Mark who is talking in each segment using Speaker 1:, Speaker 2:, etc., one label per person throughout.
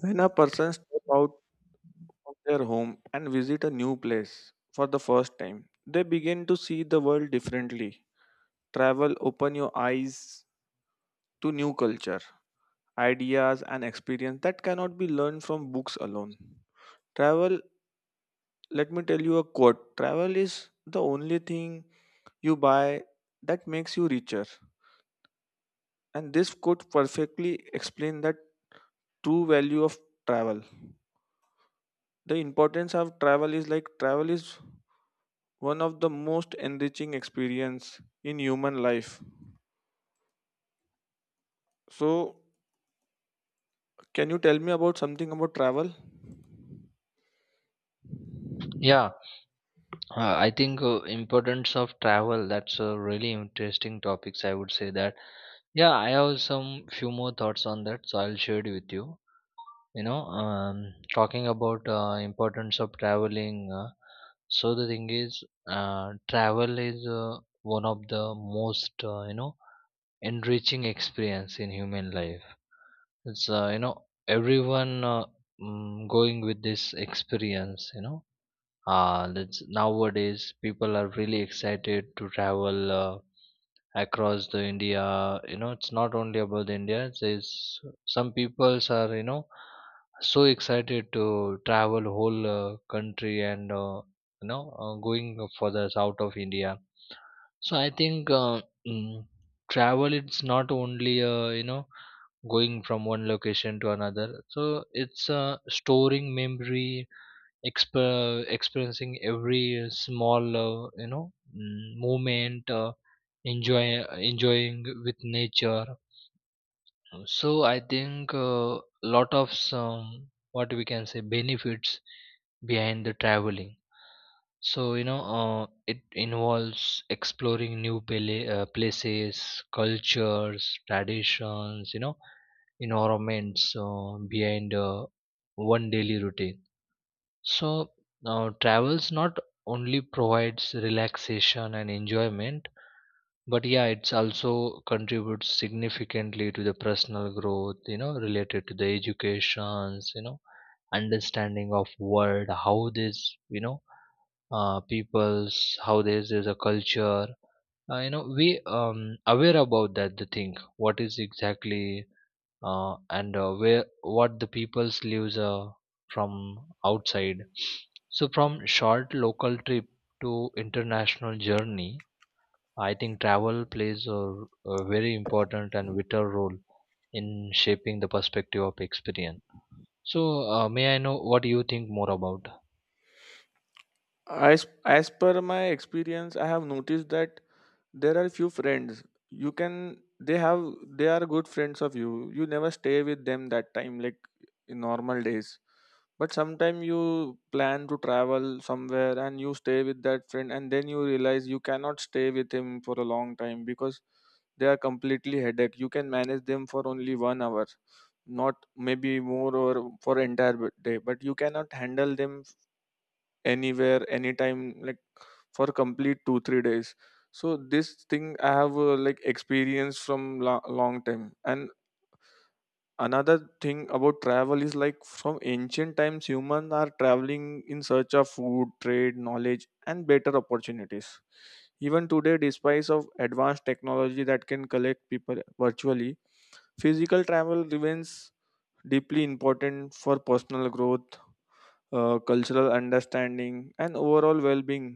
Speaker 1: When a person steps out of their home and visit a new place for the first time, they begin to see the world differently. Travel open your eyes to new culture, ideas and experience that cannot be learned from books alone. Travel, let me tell you a quote. Travel is the only thing you buy that makes you richer. And this quote perfectly explains that true value of travel. The importance of travel is like, travel is one of the most enriching experience in human life. So can you tell me about something about travel?
Speaker 2: Yeah, I think importance of travel that's a really interesting topics I would say that. Yeah, I have some few more thoughts on that, so I'll share it with you. Talking about importance of traveling, so the thing is, travel is one of the most enriching experience in human life. It's everyone, going with this experience. That's nowadays people are really excited to travel across the india. You know, it's not only about the india. There's some peoples are, you know, so excited to travel whole country, and going for the south of india. So I think, mm, travel, it's not only going from one location to another. So it's storing memory, experiencing every small, movement, enjoy, enjoying with nature. So I think a lot of some, what we can say, benefits behind the traveling. So, you know, it involves exploring new places, cultures, traditions, you know, environments, behind one daily routine. So now travels not only provides relaxation and enjoyment, but yeah, it's also contributes significantly to the personal growth, you know, related to the educations, you know, understanding of world, how this, you know, peoples, how this is a culture. We aware about that the thing. What is exactly and where what the people's lives from outside. So from short local trip to international journey, I think travel plays a, a very important and vital role in shaping the perspective of experience. So may I know what you think more about?
Speaker 1: As as per my experience, I have noticed that there are few friends you can they have they are good friends of you. You never stay with them that time, like in normal days. But sometime you plan to travel somewhere and you stay with that friend, and then you realize you cannot stay with him for a long time because they are completely headache. You can manage them for only 1 hour, not maybe more, or for entire day, but you cannot handle them anywhere anytime, like for complete 2 3 days. So this thing I have, like, experience from long time. And another thing about travel is like, from ancient times humans are traveling in search of food, trade, knowledge and better opportunities. Even today, despite of advanced technology that can collect people virtually, physical travel remains deeply important for personal growth, cultural understanding and overall well-being.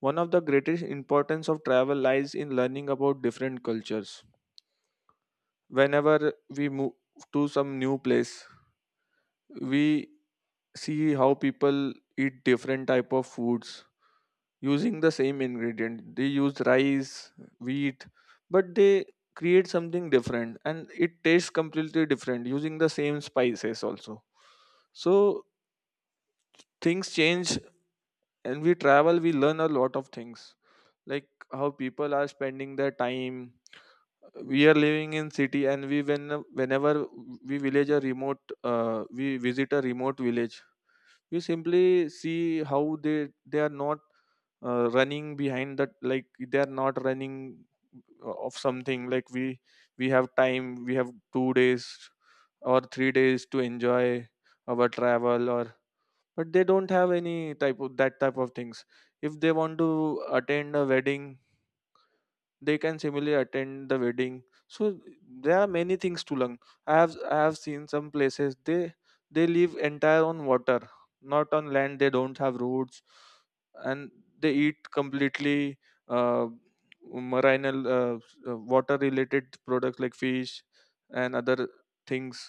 Speaker 1: One of the greatest importance of travel lies in learning about different cultures. Whenever we move to some new place, we see how people eat different type of foods using the same ingredient. They use rice, wheat, but they create something different and it tastes completely different using the same spices also. So things change, and we travel, we learn a lot of things, like how people are spending their time. We are living in city, and we when whenever we visit a remote village. We simply see how they are not running behind that, like they are not running of something. Like we have time, we have 2 days or 3 days to enjoy our travel, or but they don't have any type of that type of things. If they want to attend a wedding, they can similarly attend the wedding. So there are many things to learn. I have seen some places. They live entire on water, not on land. They don't have roads, and they eat completely, uh, marine, uh, water related products like fish and other things.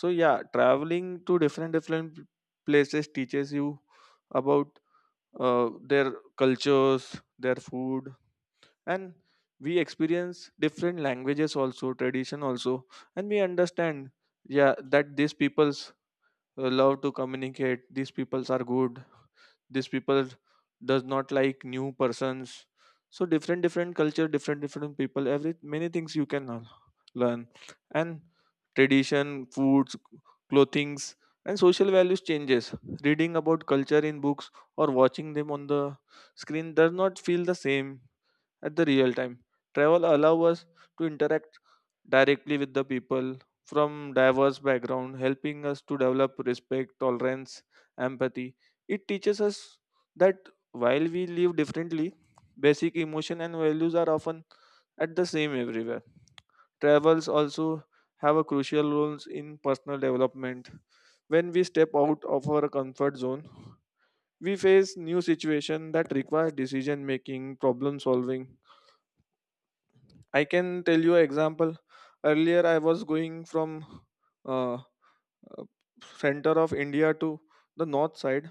Speaker 1: So yeah, traveling to different different places teaches you about, their cultures, their food, and we experience different languages also, tradition also, and we understand, yeah, that these peoples love to communicate, these peoples are good, these people does not like new persons. So different different culture, different different people, every many things you can learn. And tradition, foods, clothings and social values changes. Reading about culture in books or watching them on the screen does not feel the same at the real time. Travel allow us to interact directly with the people from diverse background, helping us to develop respect, tolerance, empathy. It teaches us that while we live differently, basic emotion and values are often at the same everywhere. Travels also have a crucial roles in personal development. When we step out of our comfort zone, we face new situation that require decision making, problem solving. I can tell you an example. Earlier, I was going from, uh, uh, center of India to the north side.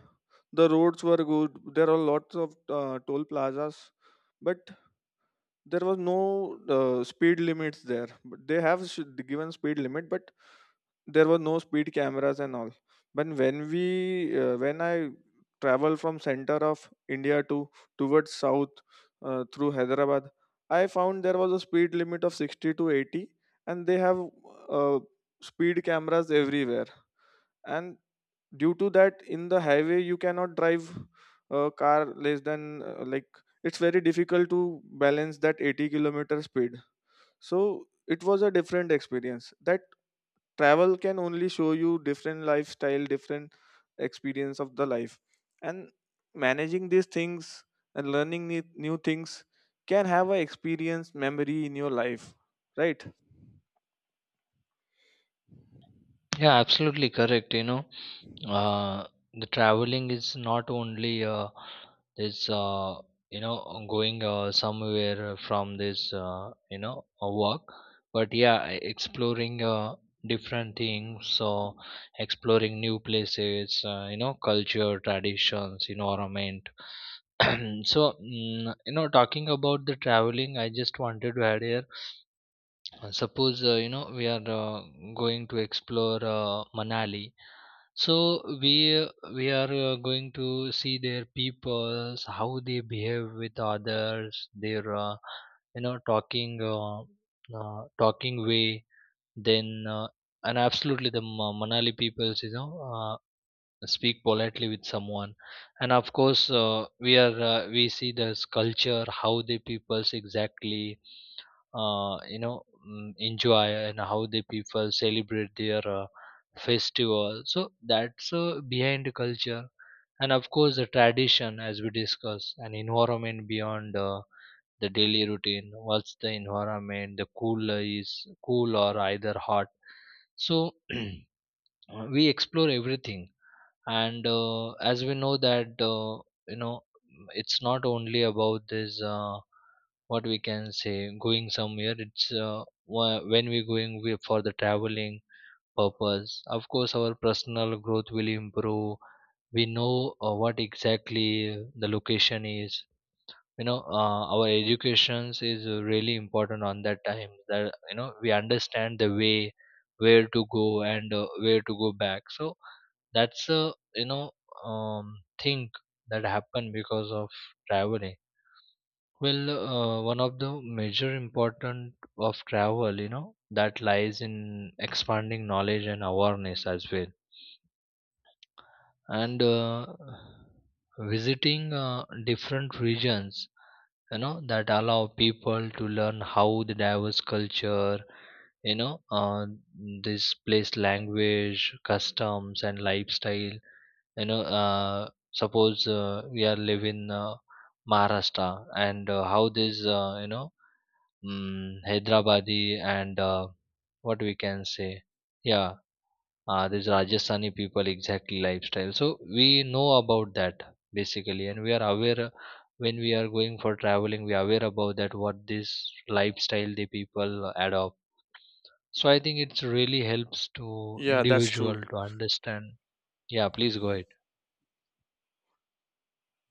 Speaker 1: The roads were good. There are lots of toll plazas, but there was no speed limits there. But they have given speed limit, but there were no speed cameras and all. But when I travel from center of India to towards south, through Hyderabad, I found there was a speed limit of 60 to 80, and they have, uh, speed cameras everywhere. And due to that, in the highway you cannot drive a car less than, like, it's very difficult to balance that 80-kilometer speed. So it was a different experience, that travel can only show you different lifestyle, different experience of the life. And managing these things and learning new things can have a experience memory in your life, right?
Speaker 2: Yeah, absolutely correct. You know, uh, the traveling is not only this, you know, going somewhere from this, you know, a work, but yeah, exploring different things. So, exploring new places, you know, culture, traditions, environment. So, you know, talking about the traveling, I just wanted to add here, suppose you know, we are going to explore Manali. So we we are going to see their peoples, how they behave with others, their, talking, talking way. Then and absolutely the Manali peoples, you know, speak politely with someone. And of course we see this culture how the peoples exactly uh, you know enjoy, and how the people celebrate their festival. So that's behind the culture, and of course the tradition, as we discussed, an environment beyond the daily routine, what's the environment, the cool is cool or either hot. So we explore everything. And as we know that, you know it's not only about this, what we can say, going somewhere. It's when we're going for the traveling purpose, of course our personal growth will improve. We know what exactly the location is. You know, our educations is really important on that time, that you know we understand the way where to go, and where to go back. So that's a, you know, um, thing that happened because of traveling. Well, one of the major important of travel, you know, that lies in expanding knowledge and awareness as well. And visiting different regions, you know, that allow people to learn how the diverse culture, you know uh, this place language customs and lifestyle. you know uh, Suppose we are live in maharashtra. And how this, hyderabadi, and what we can say, yeah, these rajasthani people exactly lifestyle. So we know about that basically, and we are aware, when we are going for traveling, we are aware about that, what this lifestyle the people adopt. So I think it really helps to
Speaker 1: Yeah, that's
Speaker 2: individual
Speaker 1: true.
Speaker 2: to understand. Yeah, please go ahead.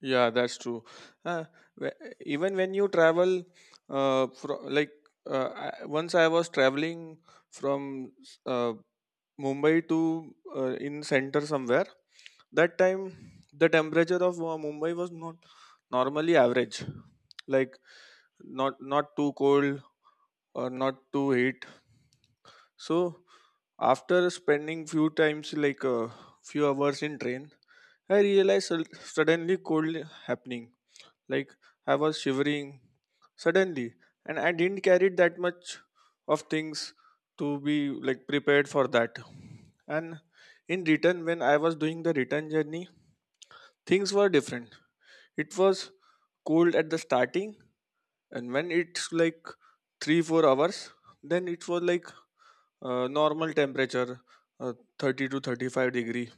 Speaker 1: Yeah, that's true. Uh, wh- Even when you travel, like, uh, I, once I was traveling from, uh, Mumbai to, in center somewhere. That time, the temperature of Mumbai was not normally average, like not too cold or not too heat. So after spending few times, like a few hours in train, I realized, suddenly cold happening. Like, I was shivering suddenly, and I didn't carry that much of things to be like prepared for that. And in return, when I was doing the return journey, things were different. It was cold at the starting, and when it's like 3 4 hours, then it was like normal temperature, uh, 30 to 35 degree,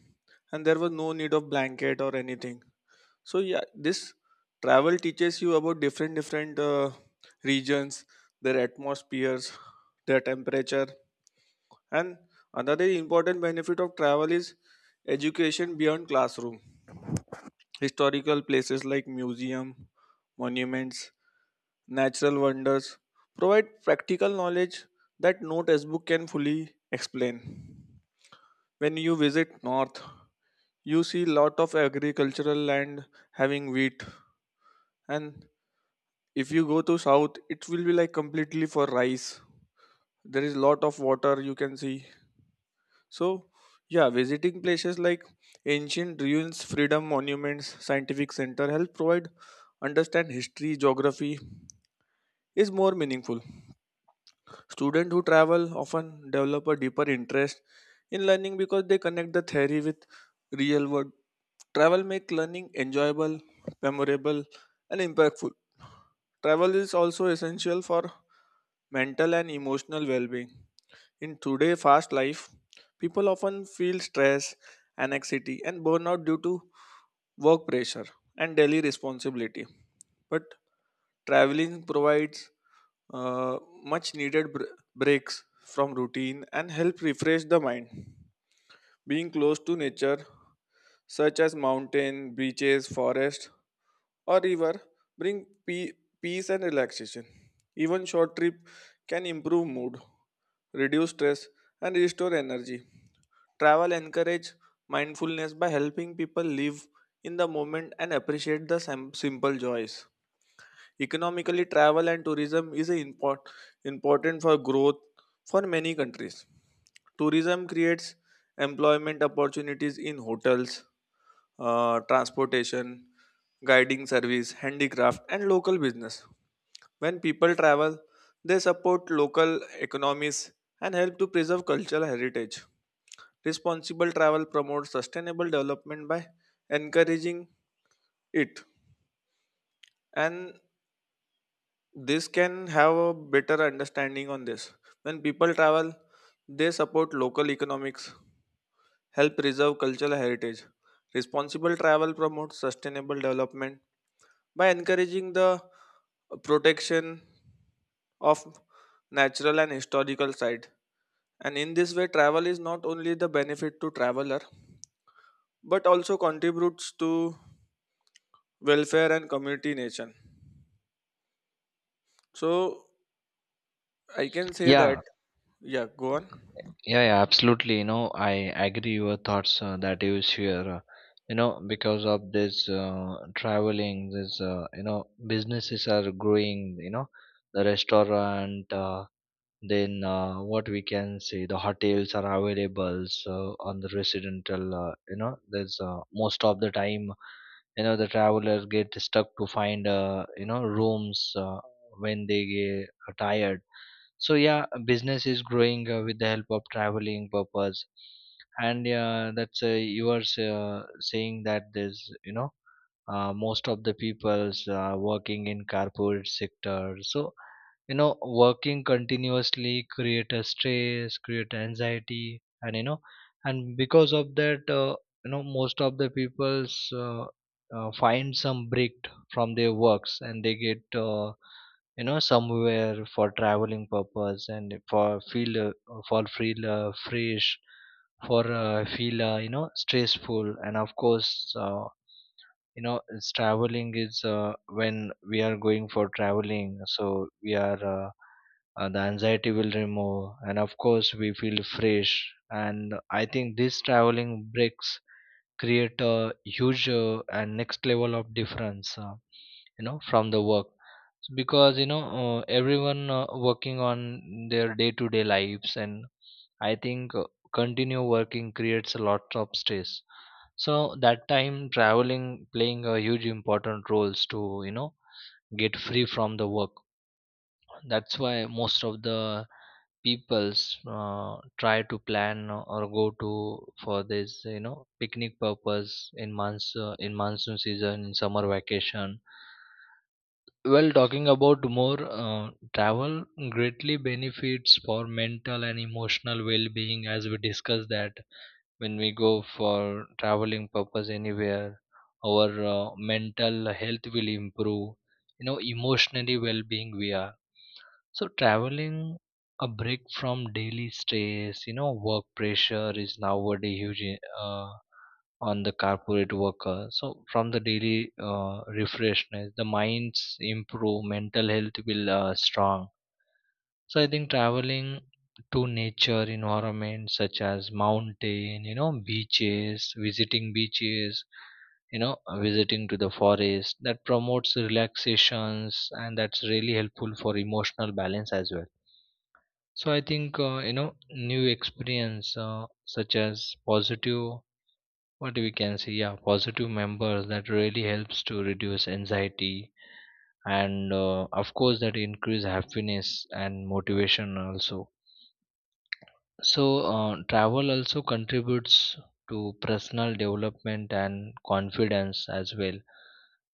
Speaker 1: and there was no need of blanket or anything. So yeah, this travel teaches you about different different, regions, their atmospheres, their temperature. And another important benefit of travel is education beyond classroom. Historical places like museum, monuments, natural wonders provide practical knowledge that no textbook can fully explain. When you visit north, you see lot of agricultural land having wheat. And if you go to south, it will be like completely for rice. There is lot of water you can see. So yeah, visiting places like ancient ruins, freedom monuments, scientific center help provide understand history, geography is more meaningful. Students who travel often develop a deeper interest in learning because they connect the theory with real world. Travel makes learning enjoyable, memorable, and impactful. Travel is also essential for mental and emotional well-being. In today's fast life, people often feel stress, anxiety, and burnout due to work pressure and daily responsibility. But traveling provides, uh, much needed breaks from routine and help refresh the mind. Being close to nature, such as mountain, beaches, forest, or river, bring peace and relaxation. Even short trip can improve mood, reduce stress, and restore energy. Travel encourage mindfulness by helping people live in the moment and appreciate the simple joys. Economically, travel and tourism is a important for growth for many countries. Tourism creates employment opportunities in hotels, transportation, guiding service, handicraft, and local business. When people travel, they support local economies and help to preserve cultural heritage. Responsible travel promotes sustainable development by encouraging it. And this can have a better understanding on this. When people travel, they support local economics, help preserve cultural heritage. Responsible travel promotes sustainable development by encouraging the protection of natural and historical sites. And in this way, travel is not only the benefit to traveler but also contributes to welfare and community nation. So I can say
Speaker 2: Yeah.
Speaker 1: that. Yeah, go on.
Speaker 2: Yeah, yeah, absolutely. You know, I agree your thoughts that you share. You know, because of this traveling, this, you know, businesses are growing. You know, the restaurant, then, what we can say, the hotels are available. So on the residential, you know, there's most of the time, you know, the travelers get stuck to find, you know, rooms, when they get tired. So yeah, business is growing with the help of traveling purpose. And yeah, that's you are, saying that there's, you know, most of the people's working in corporate sector. So you know, working continuously create a stress, create anxiety, and you know, and because of that, you know, most of the people's, find some break from their works, and they get, you know, somewhere for traveling purpose, and for feel, for feel, fresh, for feel, you know, stressful. And of course, you know, it's, traveling is when we are going for traveling, so we are, the anxiety will remove, and of course we feel fresh. And I think this traveling breaks create a huge and next level of difference, you know, from the work. So because you know, everyone working on their day to day lives, and I think continue working creates a lot of stress. So that time, traveling playing a huge important roles to, you know, get free from the work. That's why most of the peoples try to plan or go to for this, you know, picnic purpose in monsoon, in monsoon season, in summer vacation. Well, talking about more, travel greatly benefits for mental and emotional well-being. As we discussed that, when we go for traveling purpose anywhere, our mental health will improve. You know, emotionally well-being we are. So traveling, a break from daily stress, you know, work pressure is nowadays huge, on the corporate worker. So from the daily refreshness, the mind's improve, mental health will strong. So I think traveling to nature environments such as mountain, you know, beaches, visiting beaches, you know, visiting to the forest, that promotes relaxations, and that's really helpful for emotional balance as well. So I think you know, new experience such as positive, what we can say, yeah, positive members, that really helps to reduce anxiety, and of course that increase happiness and motivation also. So, travel also contributes to personal development and confidence as well.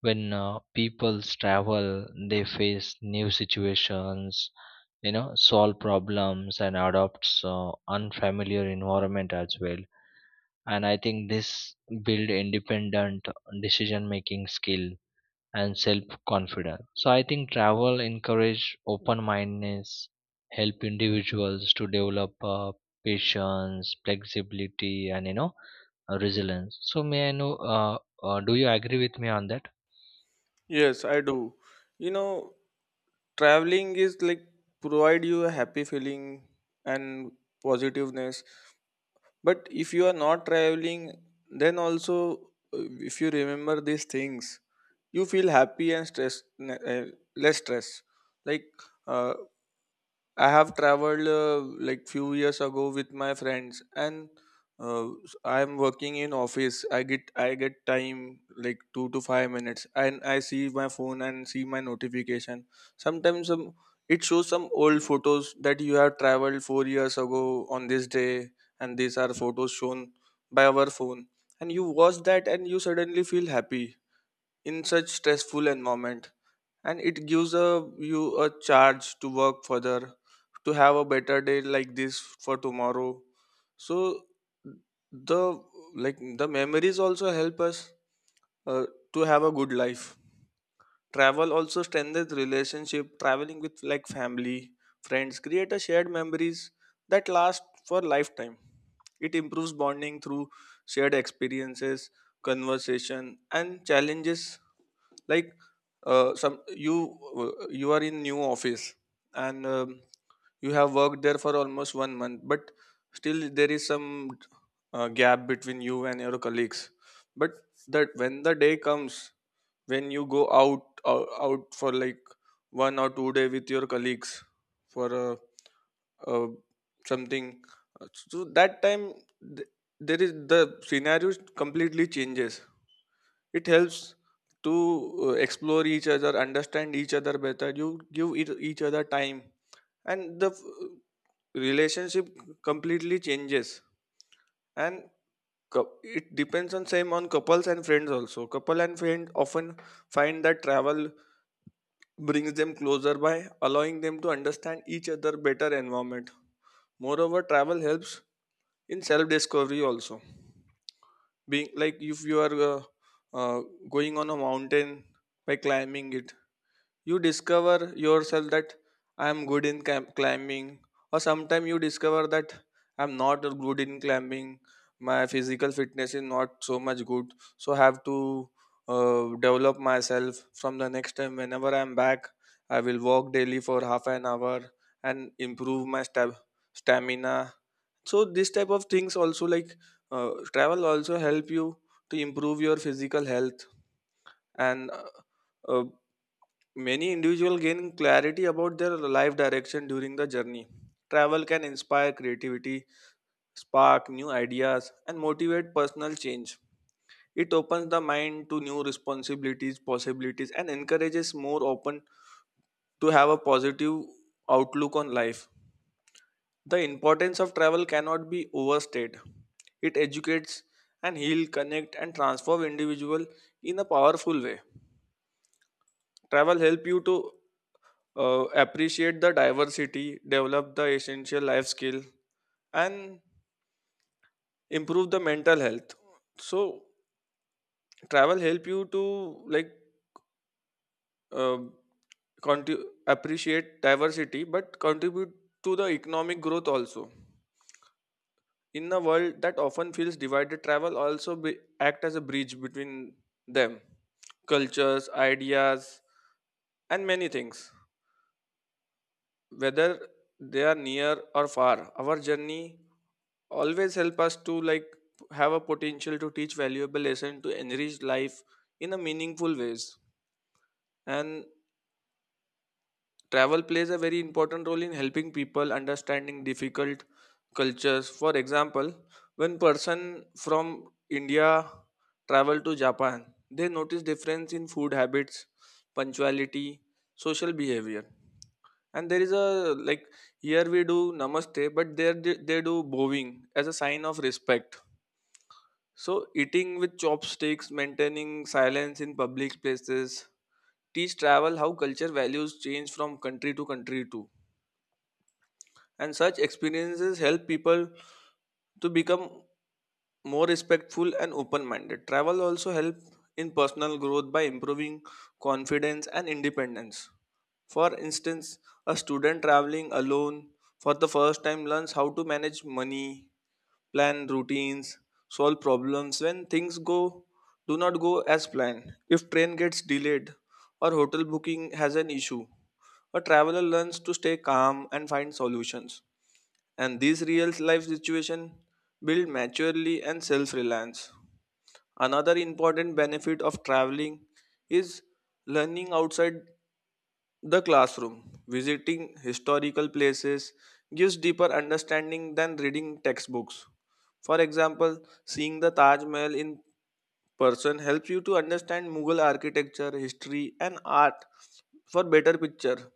Speaker 2: When people travel, they face new situations, you know, solve problems and adopts unfamiliar environment as well. And I think this build independent decision making skill and self confidence. So I think travel encourage open mindedness, help individuals to develop patience, flexibility, and you know, resilience. So may I know? Do you agree with me on that?
Speaker 1: Yes, I do. You know, traveling is like provide you a happy feeling and positiveness. But if you are not traveling, then also, if you remember these things, you feel happy and stress less stress. Like, uh, I have traveled, like, few years ago with my friends, and, uh, I am working in office. I get time like 2 to 5 minutes, and I see my phone and see my notification. Sometimes, it shows some old photos that you have traveled 4 years ago on this day, and these are photos shown by our phone. And you watch that, and you suddenly feel happy in such stressful environment, and it gives a you a charge to work further to have a better day like this for tomorrow. So the like the memories also help us uh, to have a good life. Travel also strengthens relationship. Traveling with like family, friends create a shared memories that last for lifetime. It improves bonding through shared experiences, conversation and challenges. Like some you you are in new office, and you have worked there for almost 1 month, but still there is some gap between you and your colleagues. But that when the day comes, when you go out for like 1 or 2 day with your colleagues for uh, something uh, so that time th- there is the scenario completely changes. It helps to explore each other, understand each other better. You give each other time, and the relationship completely changes. And it depends on same on couples and friends also. Couple and friend often find that travel brings them closer by allowing them to understand each other better environment. Moreover, travel helps in self discovery also, being like if you are uh, going on a mountain by climbing it, you discover yourself that I am good in climbing, or sometimes you discover that I'm not good in climbing. My physical fitness is not so much good, so I have to develop myself. From the next time whenever I'm back, I will walk daily for half an hour and improve my stamina. So this type of things also, like travel also help you to improve your physical health. And uh, many individuals gain clarity about their life direction during the journey. Travel can inspire creativity, spark new ideas, and motivate personal change. It opens the mind to new responsibilities, possibilities, and encourages more open to have a positive outlook on life. The importance of travel cannot be overstated. It educates and heal, connect, and transform individual in a powerful way. Travel help you to appreciate the diversity, develop the essential life skill, and improve the mental health. So travel help you to, like uh, conti- appreciate diversity, but contribute to the economic growth also. In a world that often feels divided, travel also act as a bridge between them, cultures, ideas, and many things. Whether they are near or far, our journey always help us to, like, have a potential to teach valuable lesson to enrich life in a meaningful ways. And travel plays a very important role in helping people understanding difficult cultures. For example, when person from India travel to Japan, they notice difference in food habits, punctuality, social behavior. And there is a like, here we do namaste, but there they do bowing as a sign of respect. So eating with chopsticks, maintaining silence in public places, teach travel how culture values change from country to country too. And such experiences help people to become more respectful and open minded. Travel also help in personal growth by improving confidence and independence. For instance, a student traveling alone for the first time learns how to manage money, plan routines, solve problems when things go do not go as planned. If train gets delayed or hotel booking has an issue, a traveler learns to stay calm and find solutions, and these real life situations build maturity and self reliance. Another important benefit of traveling is learning outside the classroom. Visiting historical places gives deeper understanding than reading textbooks. For example, seeing the Taj Mahal in person helps you to understand Mughal architecture, history, and art for better picture.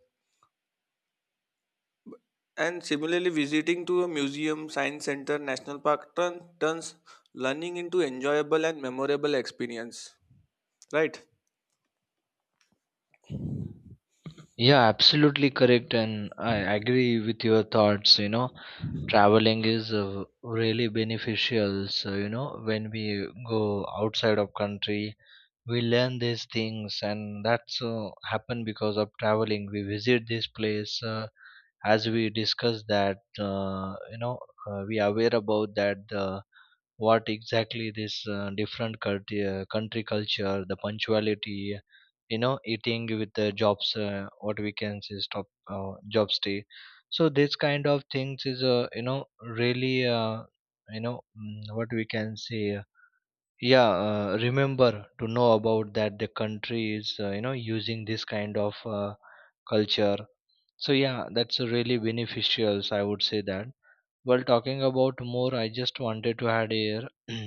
Speaker 1: And similarly, visiting to a museum, science center, national park turns learning into enjoyable and memorable experience, right?
Speaker 2: Yeah, absolutely correct, and I agree with your thoughts. You know, traveling is really beneficial. So you know, when we go outside of country, we learn these things, and that's happened because of traveling we visit this place, as we discuss that, we aware about that, what exactly this different culture, country culture, the punctuality, you know, eating with the jobs, what we can say, stop, job stay. So this kind of things is, really, what we can say, yeah, remember to know about that, the country is, you know, using this kind of culture. So yeah, that's a really beneficial, I would say that. Well, talking about more, I just wanted to add here,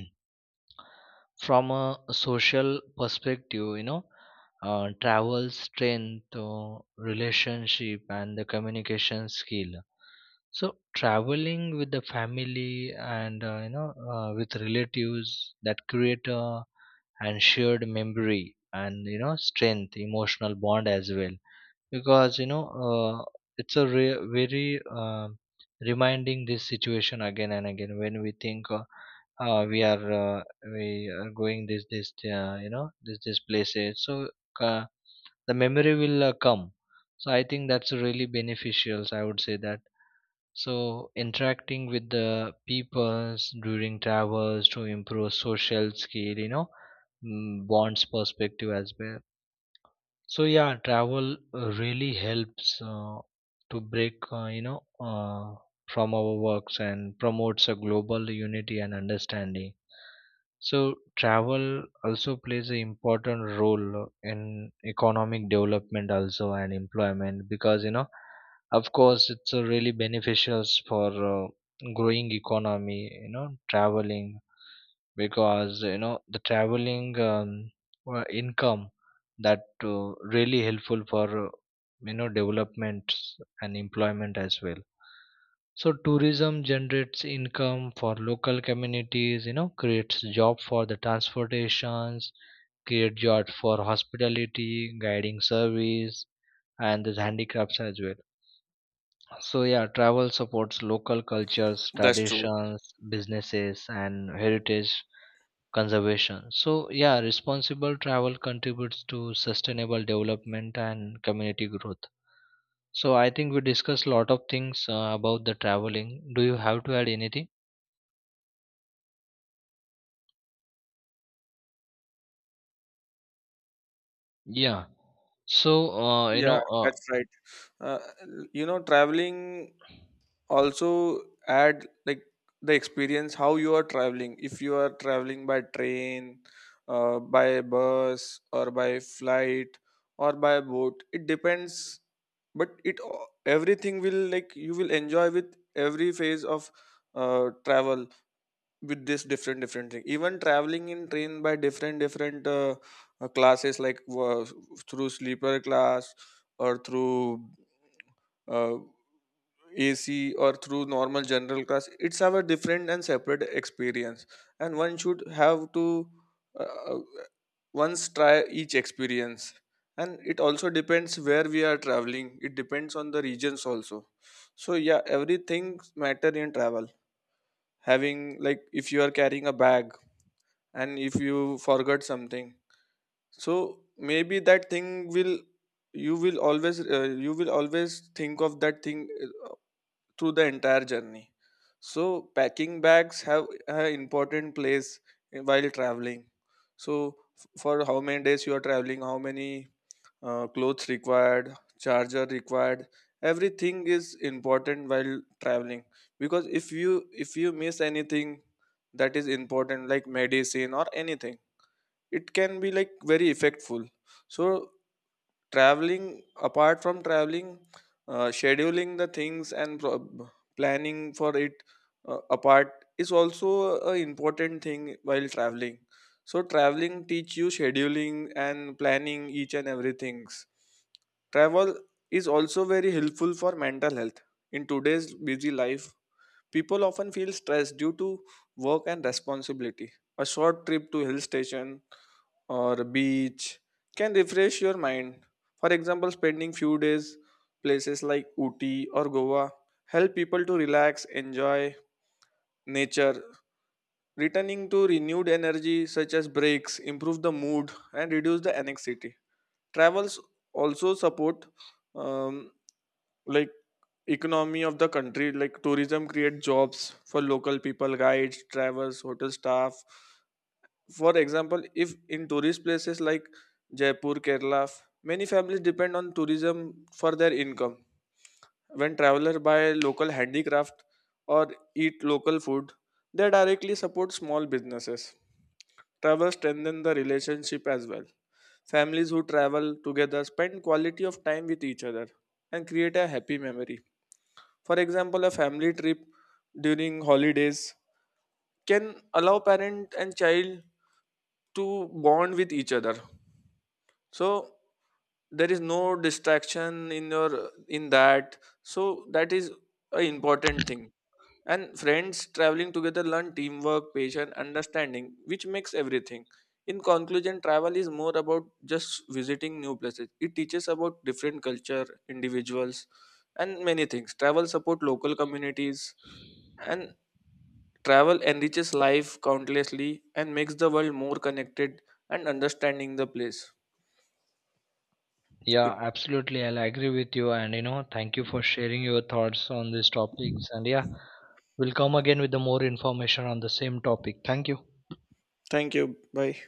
Speaker 2: from a social perspective, you know, travel strength relationship and the communication skill. So traveling with the family, and with relatives, that create a and shared memory, and you know strength emotional bond as well. Because you know, it's a, very reminding this situation again and again, when we think, uh, we are uh, we are going this this places. So uh, the memory will come. So I think that's really beneficial, I would say that. So interacting with the peoples during travels to improve social skill, you know, bonds perspective as well. So yeah, travel really helps to break, from our works, and promotes a global unity and understanding. So travel also plays an important role in economic development also and employment, because you know, of course, it's really beneficial for growing economy. You know, traveling, because you know the traveling, income, that really helpful for, you know, developments and employment as well. So tourism generates income for local communities, you know, creates job for the transportations, create job for hospitality, guiding service, and the handicrafts as well. So yeah, travel supports local cultures,
Speaker 1: That's true.
Speaker 2: traditions, businesses and heritage conservation. So, yeah, responsible travel contributes to sustainable development and community growth. So, I think we discussed a lot of things about the traveling. Do you have to add anything? Yeah. So,
Speaker 1: Yeah, that's right. Uh, you know, traveling also add like the experience how you are traveling. If you are traveling by train, by bus or by flight or by boat, it depends. But it everything will, like, you will enjoy with every phase of travel with this different different thing. Even traveling in train by different different classes, like through sleeper class or through uh, AC or through normal general class, it's have a different and separate experience, and one should have to uh, uh, once try each experience. And it also depends where we are traveling. It depends on the regions also. So yeah, everything matter in travel. Having like, if you are carrying a bag and if you forgot something, so maybe that thing will you will always think of that thing through the entire journey. So packing bags have an important place while traveling. So for how many days you are traveling, how many clothes required, charger required, everything is important while traveling, because if you miss anything that is important like medicine or anything, it can be like very effectful. So traveling apart from traveling, scheduling the things and planning for it, apart is also an important thing while traveling. So traveling teach you scheduling and planning each and everything. Travel is also very helpful for mental health. In today's busy life, people often feel stressed due to work and responsibility. A short trip to hill station or beach can refresh your mind. For example, spending few days places like Uti or Goa help people to relax, enjoy nature. Returning to renewed energy, such as breaks improve the mood and reduce the anxiety. Travels also support um, like economy of the country, like tourism create jobs for local people, guides, travelers, hotel staff. For example, if in tourist places like Jaipur, Kerala, many families depend on tourism for their income. When travelers buy local handicraft or eat local food, they directly support small businesses. Travel strengthens the relationship as well. Families who travel together spend quality of time with each other and create a happy memory. For example, a family trip during holidays can allow parent and child to bond with each other. So there is no distraction in your in that, so that is a important thing. And friends traveling together learn teamwork, patience, understanding, which makes everything. In conclusion, travel is more about just visiting new places. It teaches about different culture, individuals, and many things. Travel support local communities, and travel enriches life countlessly and makes the world more connected and understanding the place
Speaker 2: yeah,
Speaker 1: it,
Speaker 2: absolutely. I'll agree with you. And, you know, thank you for sharing your thoughts on these topics. And, yeah, we'll come again with the more information on the same topic. Thank you.
Speaker 1: thank you, bye.